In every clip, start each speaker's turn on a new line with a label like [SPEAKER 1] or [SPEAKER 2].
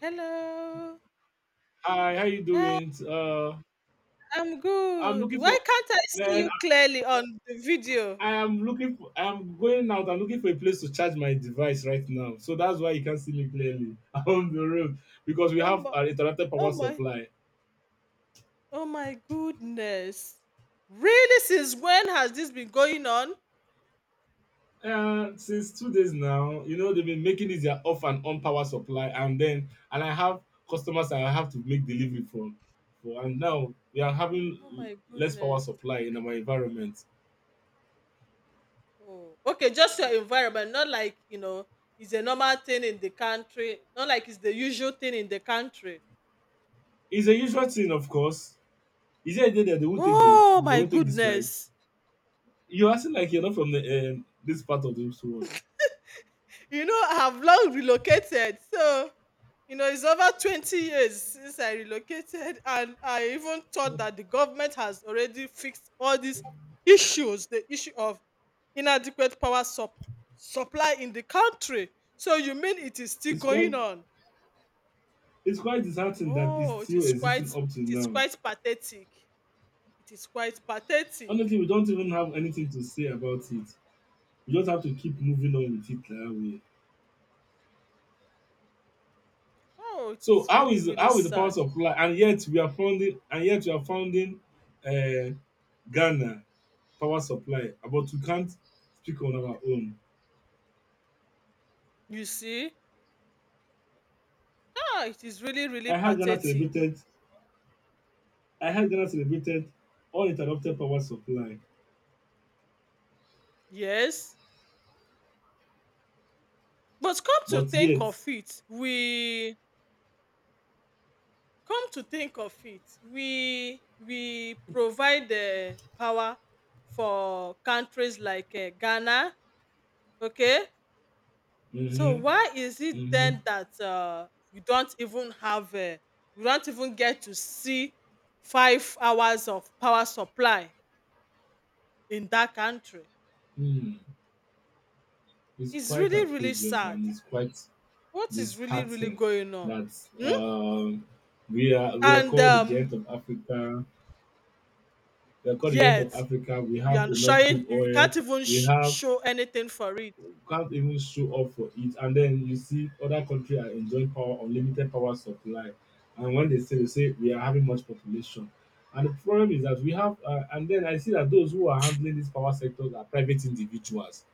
[SPEAKER 1] Hello.
[SPEAKER 2] Hi, how you
[SPEAKER 1] Hi,
[SPEAKER 2] doing?
[SPEAKER 1] I'm
[SPEAKER 2] I'm
[SPEAKER 1] good.
[SPEAKER 2] looking for,
[SPEAKER 1] Why can't I see
[SPEAKER 2] man. I
[SPEAKER 1] you clearly on the video?
[SPEAKER 2] I am looking for. I'm going out. I'm looking for a place to charge my device right now. So that's why you can't see me clearly. I'm on the road because we
[SPEAKER 1] Oh
[SPEAKER 2] have
[SPEAKER 1] my,
[SPEAKER 2] an interrupted
[SPEAKER 1] oh
[SPEAKER 2] power
[SPEAKER 1] my,
[SPEAKER 2] supply.
[SPEAKER 1] oh my goodness. Really, since when has this been going on?
[SPEAKER 2] Since 2 days now, they've been making it their off and on power supply, and then and I have customers I have to make delivery for, and now we are
[SPEAKER 1] Oh
[SPEAKER 2] having
[SPEAKER 1] my
[SPEAKER 2] less power
[SPEAKER 1] goodness.
[SPEAKER 2] supply in our environment.
[SPEAKER 1] Oh, okay, just your environment, not like, it's a normal thing in the country, not like it's the usual thing in the country.
[SPEAKER 2] It's a usual thing, of course. Is there a day that they will take the
[SPEAKER 1] Oh
[SPEAKER 2] they
[SPEAKER 1] my
[SPEAKER 2] will take this light?
[SPEAKER 1] goodness.
[SPEAKER 2] You're acting like you're not from the this part of this world.
[SPEAKER 1] You know, I've long relocated. So, you know, it's over 20 years since I relocated. And I even thought that the government has already fixed all these issues the issue of inadequate supply in the country. So, you mean it is still
[SPEAKER 2] It's quite
[SPEAKER 1] going on?
[SPEAKER 2] it's quite disheartening that it's
[SPEAKER 1] Oh,
[SPEAKER 2] still existing up to
[SPEAKER 1] it is
[SPEAKER 2] now.
[SPEAKER 1] quite pathetic. It is quite pathetic.
[SPEAKER 2] Honestly, we don't even have anything to say about it. We just have to keep moving on with it that way.
[SPEAKER 1] Oh, it
[SPEAKER 2] So
[SPEAKER 1] is
[SPEAKER 2] how
[SPEAKER 1] really,
[SPEAKER 2] is
[SPEAKER 1] really
[SPEAKER 2] how is the power
[SPEAKER 1] sad.
[SPEAKER 2] supply? And yet we are founding and yet we are founding uh, Ghana power supply, but we can't speak on our own.
[SPEAKER 1] You see? Ah, it is really, really
[SPEAKER 2] I had Ghana
[SPEAKER 1] pathetic.
[SPEAKER 2] celebrated. I had Ghana celebrated uninterrupted power supply,
[SPEAKER 1] Yes. But come to
[SPEAKER 2] but
[SPEAKER 1] think
[SPEAKER 2] yet.
[SPEAKER 1] of it, we we provide the power for countries like Ghana. Okay, so
[SPEAKER 2] Mm-hmm.
[SPEAKER 1] why is it
[SPEAKER 2] Mm-hmm.
[SPEAKER 1] then that we don't even have we don't even get to see 5 hours of power supply in that country?
[SPEAKER 2] Hmm, it's
[SPEAKER 1] It's
[SPEAKER 2] quite
[SPEAKER 1] really, really
[SPEAKER 2] outrageous
[SPEAKER 1] sad.
[SPEAKER 2] and it's quite
[SPEAKER 1] What is really really
[SPEAKER 2] disheartening
[SPEAKER 1] going on?
[SPEAKER 2] that
[SPEAKER 1] Hmm?
[SPEAKER 2] um, we are
[SPEAKER 1] And
[SPEAKER 2] called the giant of Africa. We are called the giant
[SPEAKER 1] yet
[SPEAKER 2] of Africa. We
[SPEAKER 1] you
[SPEAKER 2] have
[SPEAKER 1] are
[SPEAKER 2] enough
[SPEAKER 1] showing
[SPEAKER 2] crude
[SPEAKER 1] you
[SPEAKER 2] oil.
[SPEAKER 1] can't even
[SPEAKER 2] We have
[SPEAKER 1] show anything for it,
[SPEAKER 2] Can't even show up for it. And then you see other countries are enjoying power unlimited power supply. And when they say we are having much population. And the problem is that and then I see that those who are handling these power sectors are private individuals.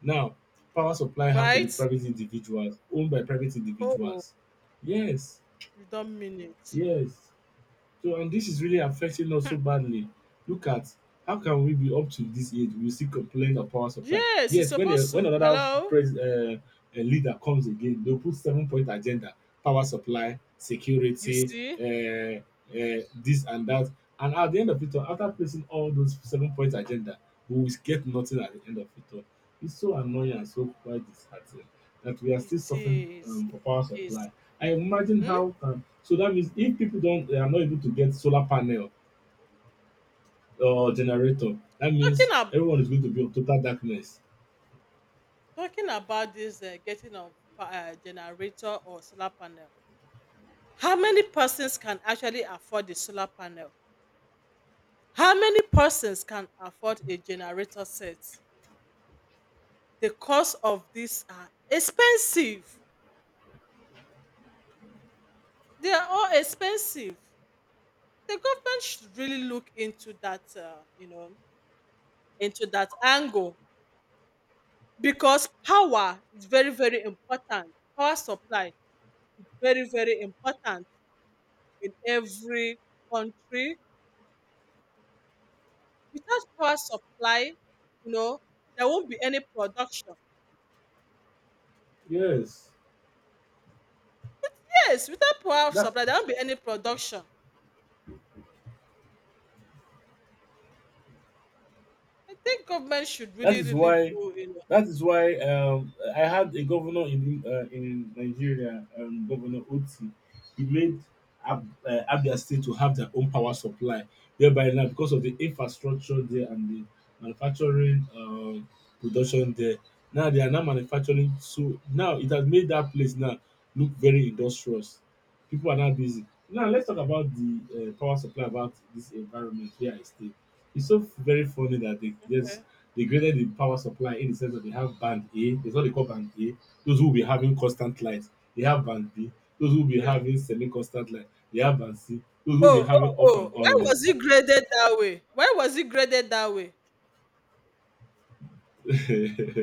[SPEAKER 2] Now, power supply has to be
[SPEAKER 1] right?
[SPEAKER 2] private individuals, owned by private
[SPEAKER 1] Oh,
[SPEAKER 2] individuals. Yes,
[SPEAKER 1] you don't mean it.
[SPEAKER 2] yes. So and this is really affecting us so
[SPEAKER 1] Hmm.
[SPEAKER 2] badly. Look at how can we be up to this age we still complain of power supply?
[SPEAKER 1] Yes, it's
[SPEAKER 2] Yet when a
[SPEAKER 1] supposed
[SPEAKER 2] when
[SPEAKER 1] to.
[SPEAKER 2] another
[SPEAKER 1] Hello?
[SPEAKER 2] pres a leader comes again, they'll put seven point agenda, power supply,
[SPEAKER 1] You
[SPEAKER 2] security,
[SPEAKER 1] see?
[SPEAKER 2] this and that. And at the end of it all, after placing all those seven point agenda, we will get nothing at the end of it all. It's so annoying and so quite disheartening that we are
[SPEAKER 1] It
[SPEAKER 2] still suffering
[SPEAKER 1] is. It
[SPEAKER 2] for power
[SPEAKER 1] is.
[SPEAKER 2] supply. I imagine
[SPEAKER 1] Hmm?
[SPEAKER 2] how. So that means if people don't, they are not able to get solar panel or generator, that means
[SPEAKER 1] Talking, ab-
[SPEAKER 2] everyone is going to be on total darkness.
[SPEAKER 1] talking about this getting a generator or solar panel, how many persons can actually afford the solar panel? How many persons can afford a generator set? The cost of these are expensive. They are all expensive. The government should really look into that into that angle, because power is very, very important. Power supply is very, very important in every country. Without power supply, you know there won't be any production.
[SPEAKER 2] Yes,
[SPEAKER 1] Yes, without power
[SPEAKER 2] that
[SPEAKER 1] supply there won't be any production. I think government should
[SPEAKER 2] That
[SPEAKER 1] really,
[SPEAKER 2] is
[SPEAKER 1] really
[SPEAKER 2] why
[SPEAKER 1] do you know
[SPEAKER 2] that is why I had a governor in Nigeria, Governor Oti. He made Abia State to have their own power supply. Thereby now, because of the infrastructure there and the manufacturing production there, now they are now manufacturing. So now it has made that place now look very industrious. People are now busy. Now let's talk about the power supply about this environment where I stay. It's so very funny that
[SPEAKER 1] Okay.
[SPEAKER 2] they graded the power supply in the sense that they have band A. That's what they call band A, those who will be having constant light. They have band B, those who will be
[SPEAKER 1] Okay,
[SPEAKER 2] having semi-constant light. They have band C, those who will be
[SPEAKER 1] oh,
[SPEAKER 2] having
[SPEAKER 1] oh,
[SPEAKER 2] off and
[SPEAKER 1] oh, why
[SPEAKER 2] on light.
[SPEAKER 1] was it graded that way? Why was it graded that way?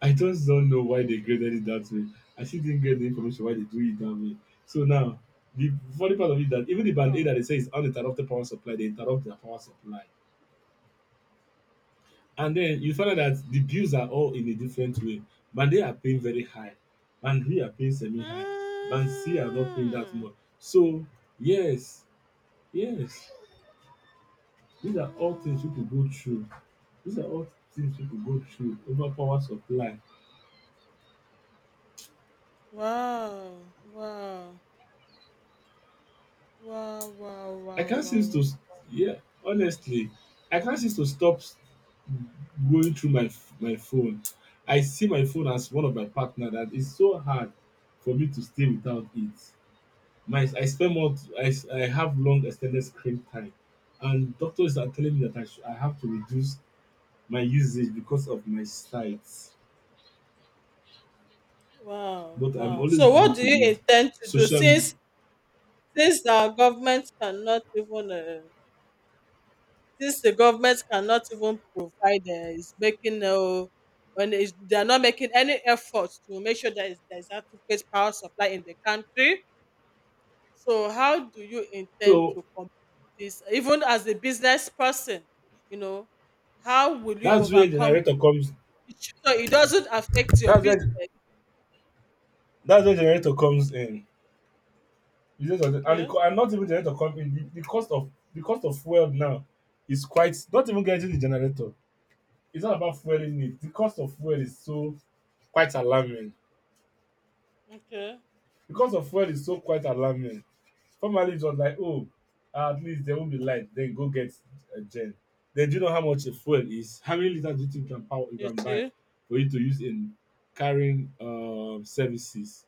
[SPEAKER 2] I just don't know why they graded it that way. I still didn't get the information why they do it that way. So now, the funny part of it is that even the band A
[SPEAKER 1] Wow.
[SPEAKER 2] that they say is uninterrupted power supply, they interrupt their power supply. And then you find out that the bills are all in a different way. Band-A are paying very high, Band-B are paying semi-high, Band-C are not paying that
[SPEAKER 1] Mm.
[SPEAKER 2] much. So yes, yes, these are all things people
[SPEAKER 1] Mm.
[SPEAKER 2] go through. These are all things people go through over power supply.
[SPEAKER 1] Wow, wow, wow, wow,
[SPEAKER 2] I
[SPEAKER 1] wow,
[SPEAKER 2] can't seem
[SPEAKER 1] wow,
[SPEAKER 2] to
[SPEAKER 1] wow,
[SPEAKER 2] s- Yeah, honestly, I can't seem to stop going through my phone. I see my phone as one of my partner that is so hard for me to stay without it. My I spend more t- I, s- I have long extended screen time, and doctors are telling me that I have to reduce my usage because of my sight,
[SPEAKER 1] wow,
[SPEAKER 2] but I'm
[SPEAKER 1] wow.
[SPEAKER 2] always
[SPEAKER 1] So, what
[SPEAKER 2] glued
[SPEAKER 1] do
[SPEAKER 2] to
[SPEAKER 1] you
[SPEAKER 2] it
[SPEAKER 1] intend to do
[SPEAKER 2] social me-
[SPEAKER 1] since our government cannot even since the government cannot even provide is making no when is, they are not making any effort to make sure that there is adequate power supply in the country? So how do you intend
[SPEAKER 2] so
[SPEAKER 1] to combat this even as a business person, you know, how will you
[SPEAKER 2] that's where
[SPEAKER 1] overcome
[SPEAKER 2] generator comes
[SPEAKER 1] it so it doesn't affect your
[SPEAKER 2] that's
[SPEAKER 1] business?
[SPEAKER 2] where that's where generator comes in. You just have and
[SPEAKER 1] Okay,
[SPEAKER 2] and not even generator comes in the cost of fuel now is quite not even getting the generator. It's not about fueling it. Quite alarming
[SPEAKER 1] okay.
[SPEAKER 2] the cost of fuel is so quite alarming. Formerly, it was like, oh, at least there won't be light. Then go get a gen. Then do you know how much a fuel is? How many liters do you think you
[SPEAKER 1] You
[SPEAKER 2] can buy
[SPEAKER 1] see?
[SPEAKER 2] for you to use in carrying services?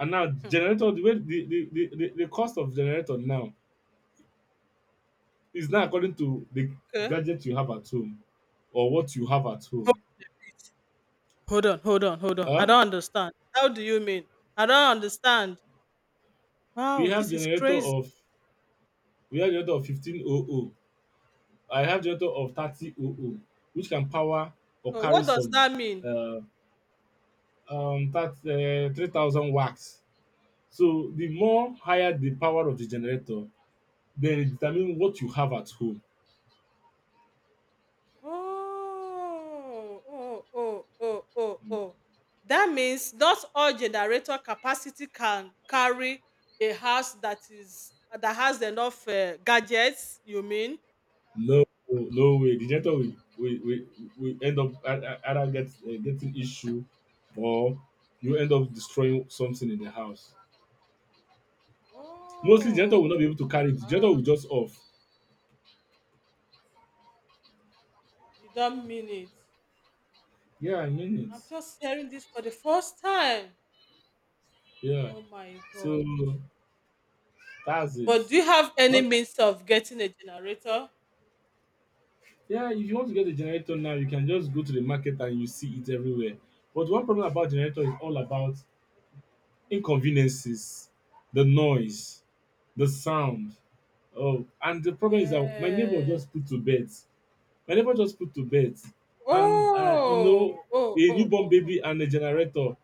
[SPEAKER 2] And now
[SPEAKER 1] Hmm.
[SPEAKER 2] generator, the way the cost of generator now is now according to the
[SPEAKER 1] Okay.
[SPEAKER 2] gadget you have at home or what you have at
[SPEAKER 1] Ho-
[SPEAKER 2] home.
[SPEAKER 1] Hold on, hold on, hold on. I
[SPEAKER 2] Huh?
[SPEAKER 1] don't understand. How do you mean? I don't understand.
[SPEAKER 2] We
[SPEAKER 1] Wow,
[SPEAKER 2] have
[SPEAKER 1] this is
[SPEAKER 2] generator
[SPEAKER 1] crazy.
[SPEAKER 2] of we have generator of 1500. I have generator of 3000, which can power or carry
[SPEAKER 1] What does
[SPEAKER 2] some
[SPEAKER 1] that mean?
[SPEAKER 2] uh, that 3000 watts. So the more higher the power of the generator, then it determine what you have at home.
[SPEAKER 1] Oh, oh, oh, oh, oh, oh, oh. That means not all generator capacity can carry a house that has enough gadgets. You mean?
[SPEAKER 2] No, no way the generator will will will, will end up either getting issue, or you end up destroying something in the house. Mostly generator will not be able
[SPEAKER 1] Oh,
[SPEAKER 2] to carry it. The generator will
[SPEAKER 1] ah,
[SPEAKER 2] just off.
[SPEAKER 1] you don't mean it.
[SPEAKER 2] Yeah, I mean it.
[SPEAKER 1] I'm just hearing this for the first time.
[SPEAKER 2] Yeah,
[SPEAKER 1] Oh my god!
[SPEAKER 2] so that's it.
[SPEAKER 1] But do you have any
[SPEAKER 2] Not.
[SPEAKER 1] means of getting a generator?
[SPEAKER 2] Yeah, if you want to get a generator now, you can just go to the market and you see it everywhere. But one problem about generator is all about inconveniences, the noise, the sound. Oh, and the problem is that my neighbor
[SPEAKER 1] Yes.
[SPEAKER 2] just put to bed. My neighbor just put to bed, and
[SPEAKER 1] Oh, oh,
[SPEAKER 2] a
[SPEAKER 1] oh,
[SPEAKER 2] newborn
[SPEAKER 1] oh, oh.
[SPEAKER 2] baby and a generator.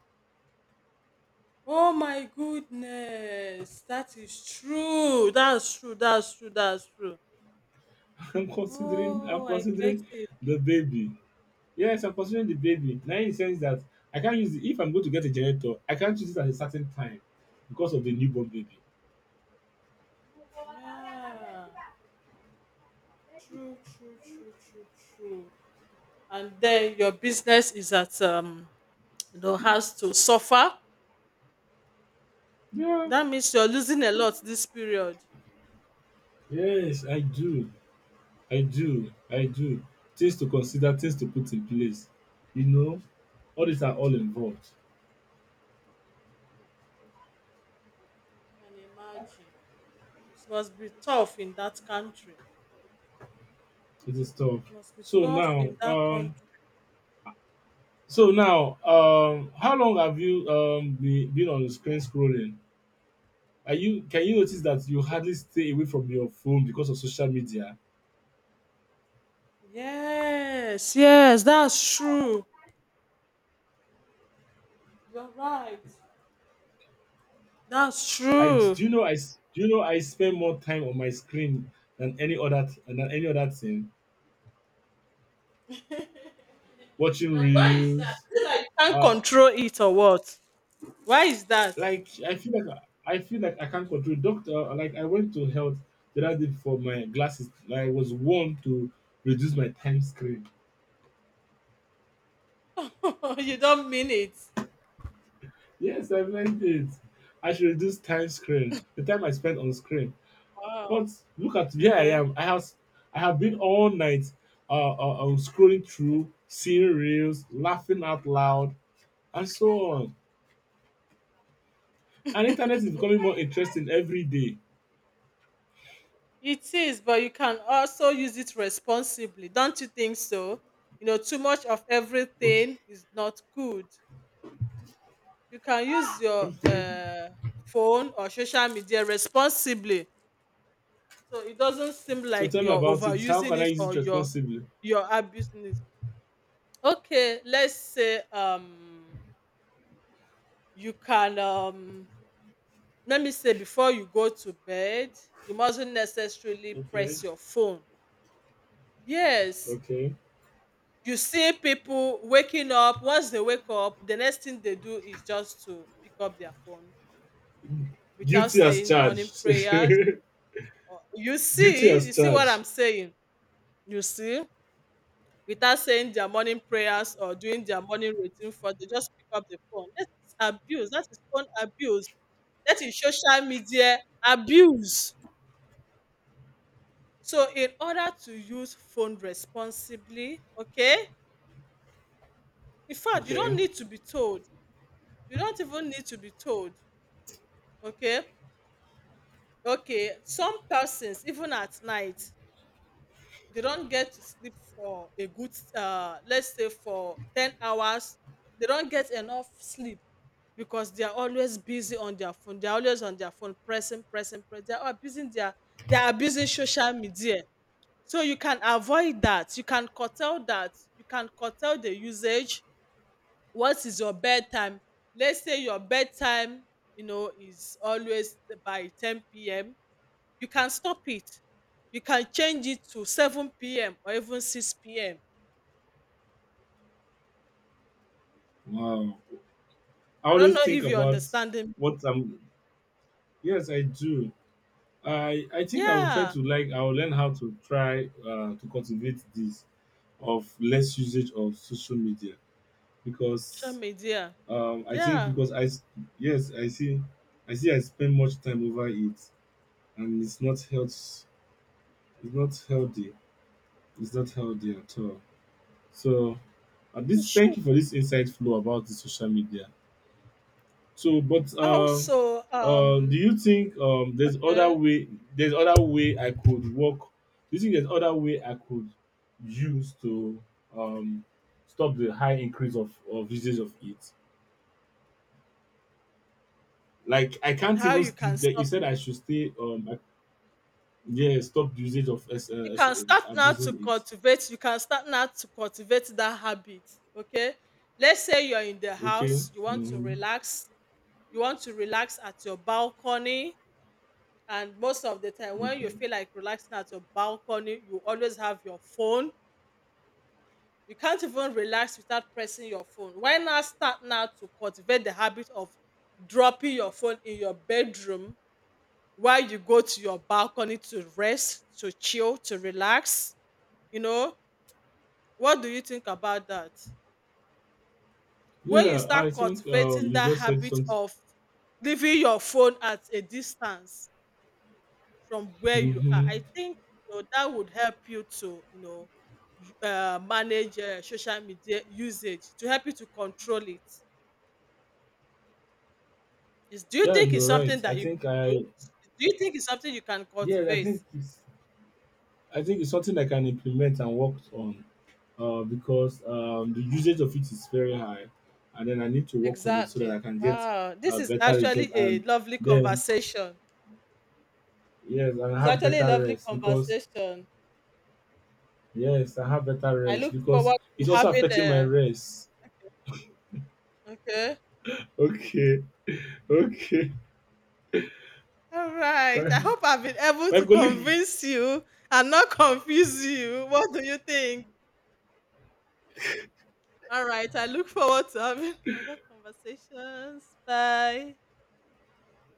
[SPEAKER 1] Oh my goodness, that is true. That's true. That's true. That's true.
[SPEAKER 2] I'm considering. I'm
[SPEAKER 1] Oh, I get
[SPEAKER 2] considering
[SPEAKER 1] it.
[SPEAKER 2] the baby. Yes, I'm considering the baby. Now in the sense that I can't use it. If I'm going to get a generator, I can't use it at a certain time because of the newborn baby.
[SPEAKER 1] Yeah, true, true, true, true, true. And then your business is at you know, has to suffer.
[SPEAKER 2] Yeah.
[SPEAKER 1] That means you're losing a lot this period.
[SPEAKER 2] Yes, I do. I do. I do. Things to consider, things to put in place. You know, all these are all involved.
[SPEAKER 1] I can imagine. It must be tough in that country.
[SPEAKER 2] It is tough.
[SPEAKER 1] Must be
[SPEAKER 2] So
[SPEAKER 1] tough
[SPEAKER 2] now,
[SPEAKER 1] in that
[SPEAKER 2] um,
[SPEAKER 1] country.
[SPEAKER 2] how long have you been, on the screen scrolling? Are you Can you notice that you hardly stay away from your phone because of social media?
[SPEAKER 1] Yes, yes, that's true. You're right. That's
[SPEAKER 2] I
[SPEAKER 1] true.
[SPEAKER 2] do Do you know I spend more time on my screen than than any other thing, watching
[SPEAKER 1] And why is that?
[SPEAKER 2] reels,
[SPEAKER 1] Is it like you can't
[SPEAKER 2] uh,
[SPEAKER 1] control it or what? Why is that?
[SPEAKER 2] like I feel like I can't control, doctor. Like I went to health the other day for my glasses. I was warned to reduce my time screen.
[SPEAKER 1] You don't mean it.
[SPEAKER 2] Yes, I meant it. I should reduce time screen, the time I spend on screen.
[SPEAKER 1] Wow.
[SPEAKER 2] But look at where I
[SPEAKER 1] Okay.
[SPEAKER 2] am. I have been all night scrolling through, seeing reels, laughing out loud, and so on. And internet is becoming more interesting every day.
[SPEAKER 1] It is, but you can also use it responsibly. Don't you think so? You know, too much of
[SPEAKER 2] Okay.
[SPEAKER 1] everything is not good. You can use your phone or social media responsibly. So it doesn't seem
[SPEAKER 2] So
[SPEAKER 1] like
[SPEAKER 2] tell me
[SPEAKER 1] you're
[SPEAKER 2] about it. How
[SPEAKER 1] overusing
[SPEAKER 2] can I
[SPEAKER 1] it
[SPEAKER 2] use it
[SPEAKER 1] or
[SPEAKER 2] responsibly?
[SPEAKER 1] you're abusing it. Okay, let's say you can let me say before you go to bed, you mustn't necessarily
[SPEAKER 2] Okay.
[SPEAKER 1] press your phone. Yes.
[SPEAKER 2] Okay.
[SPEAKER 1] You see people waking up, once they wake up, the next thing they do is just to pick up their phone without
[SPEAKER 2] Guilty as
[SPEAKER 1] saying morning
[SPEAKER 2] charged.
[SPEAKER 1] prayers.
[SPEAKER 2] Guilty as
[SPEAKER 1] You see what
[SPEAKER 2] charged.
[SPEAKER 1] I'm saying? You see? Without saying their morning prayers or doing their morning routine, for they just pick up the phone. That is abuse. That is phone abuse. That is social media abuse. So in order to use phone responsibly, okay? In fact, you don't
[SPEAKER 2] Okay.
[SPEAKER 1] need to be told. You don't even need to be told, okay? Okay, some persons, even at night, they don't get to sleep for a good, let's say for 10 hours. They don't get enough sleep because they are always busy on their phone. They are always on their phone, pressing, pressing, pressing. They are abusing social media. So you can avoid that. You can curtail that. You can curtail the usage. What is your bedtime? Let's say your bedtime, you know, is always by 10 p.m. You can stop it. You can change it to 7 p.m. or even 6 p.m.
[SPEAKER 2] Wow. I
[SPEAKER 1] I don't
[SPEAKER 2] always
[SPEAKER 1] know
[SPEAKER 2] think
[SPEAKER 1] if you're
[SPEAKER 2] about
[SPEAKER 1] understanding.
[SPEAKER 2] what I'm. Yes, I do. I think I will try
[SPEAKER 1] Yeah,
[SPEAKER 2] to like. I will learn how to try to cultivate this of less usage of social media
[SPEAKER 1] social
[SPEAKER 2] because
[SPEAKER 1] media.
[SPEAKER 2] I think
[SPEAKER 1] Yeah,
[SPEAKER 2] yes, I see I spend much time over it, and not healthy it's not healthy at all. So
[SPEAKER 1] you
[SPEAKER 2] this
[SPEAKER 1] should.
[SPEAKER 2] thank you for this insight flow about the social media. So, but
[SPEAKER 1] Also,
[SPEAKER 2] do you think there's other
[SPEAKER 1] okay,
[SPEAKER 2] way? There's other way I could work. Do you think there's other way I could use to um, stop the high increase of usage of it? Like I can't
[SPEAKER 1] how
[SPEAKER 2] even
[SPEAKER 1] you
[SPEAKER 2] sleep.
[SPEAKER 1] can
[SPEAKER 2] Like you
[SPEAKER 1] stop.
[SPEAKER 2] said, I should stay. I, yeah, stop the usage of
[SPEAKER 1] You can start now to
[SPEAKER 2] Abusing it.
[SPEAKER 1] cultivate, you can start now to cultivate that habit, okay? Let's say you're in the
[SPEAKER 2] Okay.
[SPEAKER 1] house, you want to
[SPEAKER 2] Mm-hmm.
[SPEAKER 1] relax, you want to relax at your balcony, and most of the time when you
[SPEAKER 2] Okay.
[SPEAKER 1] feel like relaxing at your balcony, you always have your phone. You can't even relax without pressing your phone. Why not start now to cultivate the habit of dropping your phone in your bedroom while you go to your balcony to rest, to chill, to relax, you know? What do you think about that? When you
[SPEAKER 2] Yeah, I
[SPEAKER 1] start
[SPEAKER 2] think
[SPEAKER 1] cultivating
[SPEAKER 2] you
[SPEAKER 1] that
[SPEAKER 2] just said
[SPEAKER 1] habit
[SPEAKER 2] something.
[SPEAKER 1] of leaving your phone at a distance from where you are,
[SPEAKER 2] Hmm.
[SPEAKER 1] I think, you know, that would help you to, you know, manage social media usage, to help you to control it. Is Do you
[SPEAKER 2] Yeah,
[SPEAKER 1] think it's
[SPEAKER 2] you're
[SPEAKER 1] something
[SPEAKER 2] right. I
[SPEAKER 1] that you
[SPEAKER 2] think
[SPEAKER 1] can do?
[SPEAKER 2] I
[SPEAKER 1] Do you think it's something you can
[SPEAKER 2] yeah, I
[SPEAKER 1] cultivate?
[SPEAKER 2] think it's I think it's something I can implement and work on because the usage of it is very high, and then I need to work on it so that I
[SPEAKER 1] Exactly.
[SPEAKER 2] can get
[SPEAKER 1] Wow, this
[SPEAKER 2] a
[SPEAKER 1] is
[SPEAKER 2] better result,
[SPEAKER 1] actually a
[SPEAKER 2] and
[SPEAKER 1] lovely
[SPEAKER 2] then
[SPEAKER 1] conversation.
[SPEAKER 2] yes, and I
[SPEAKER 1] It's
[SPEAKER 2] have
[SPEAKER 1] actually a
[SPEAKER 2] better
[SPEAKER 1] lovely
[SPEAKER 2] rest because
[SPEAKER 1] conversation.
[SPEAKER 2] yes, I have better
[SPEAKER 1] I
[SPEAKER 2] rest
[SPEAKER 1] look
[SPEAKER 2] because
[SPEAKER 1] forward
[SPEAKER 2] it's
[SPEAKER 1] to
[SPEAKER 2] also
[SPEAKER 1] having
[SPEAKER 2] affecting my
[SPEAKER 1] a—
[SPEAKER 2] rest.
[SPEAKER 1] Okay.
[SPEAKER 2] Okay, okay.
[SPEAKER 1] All right. I
[SPEAKER 2] My,
[SPEAKER 1] hope I've been able
[SPEAKER 2] my
[SPEAKER 1] to
[SPEAKER 2] colleague
[SPEAKER 1] convince you and not confuse you. What do you think? All right. I look forward to having other conversations. Bye.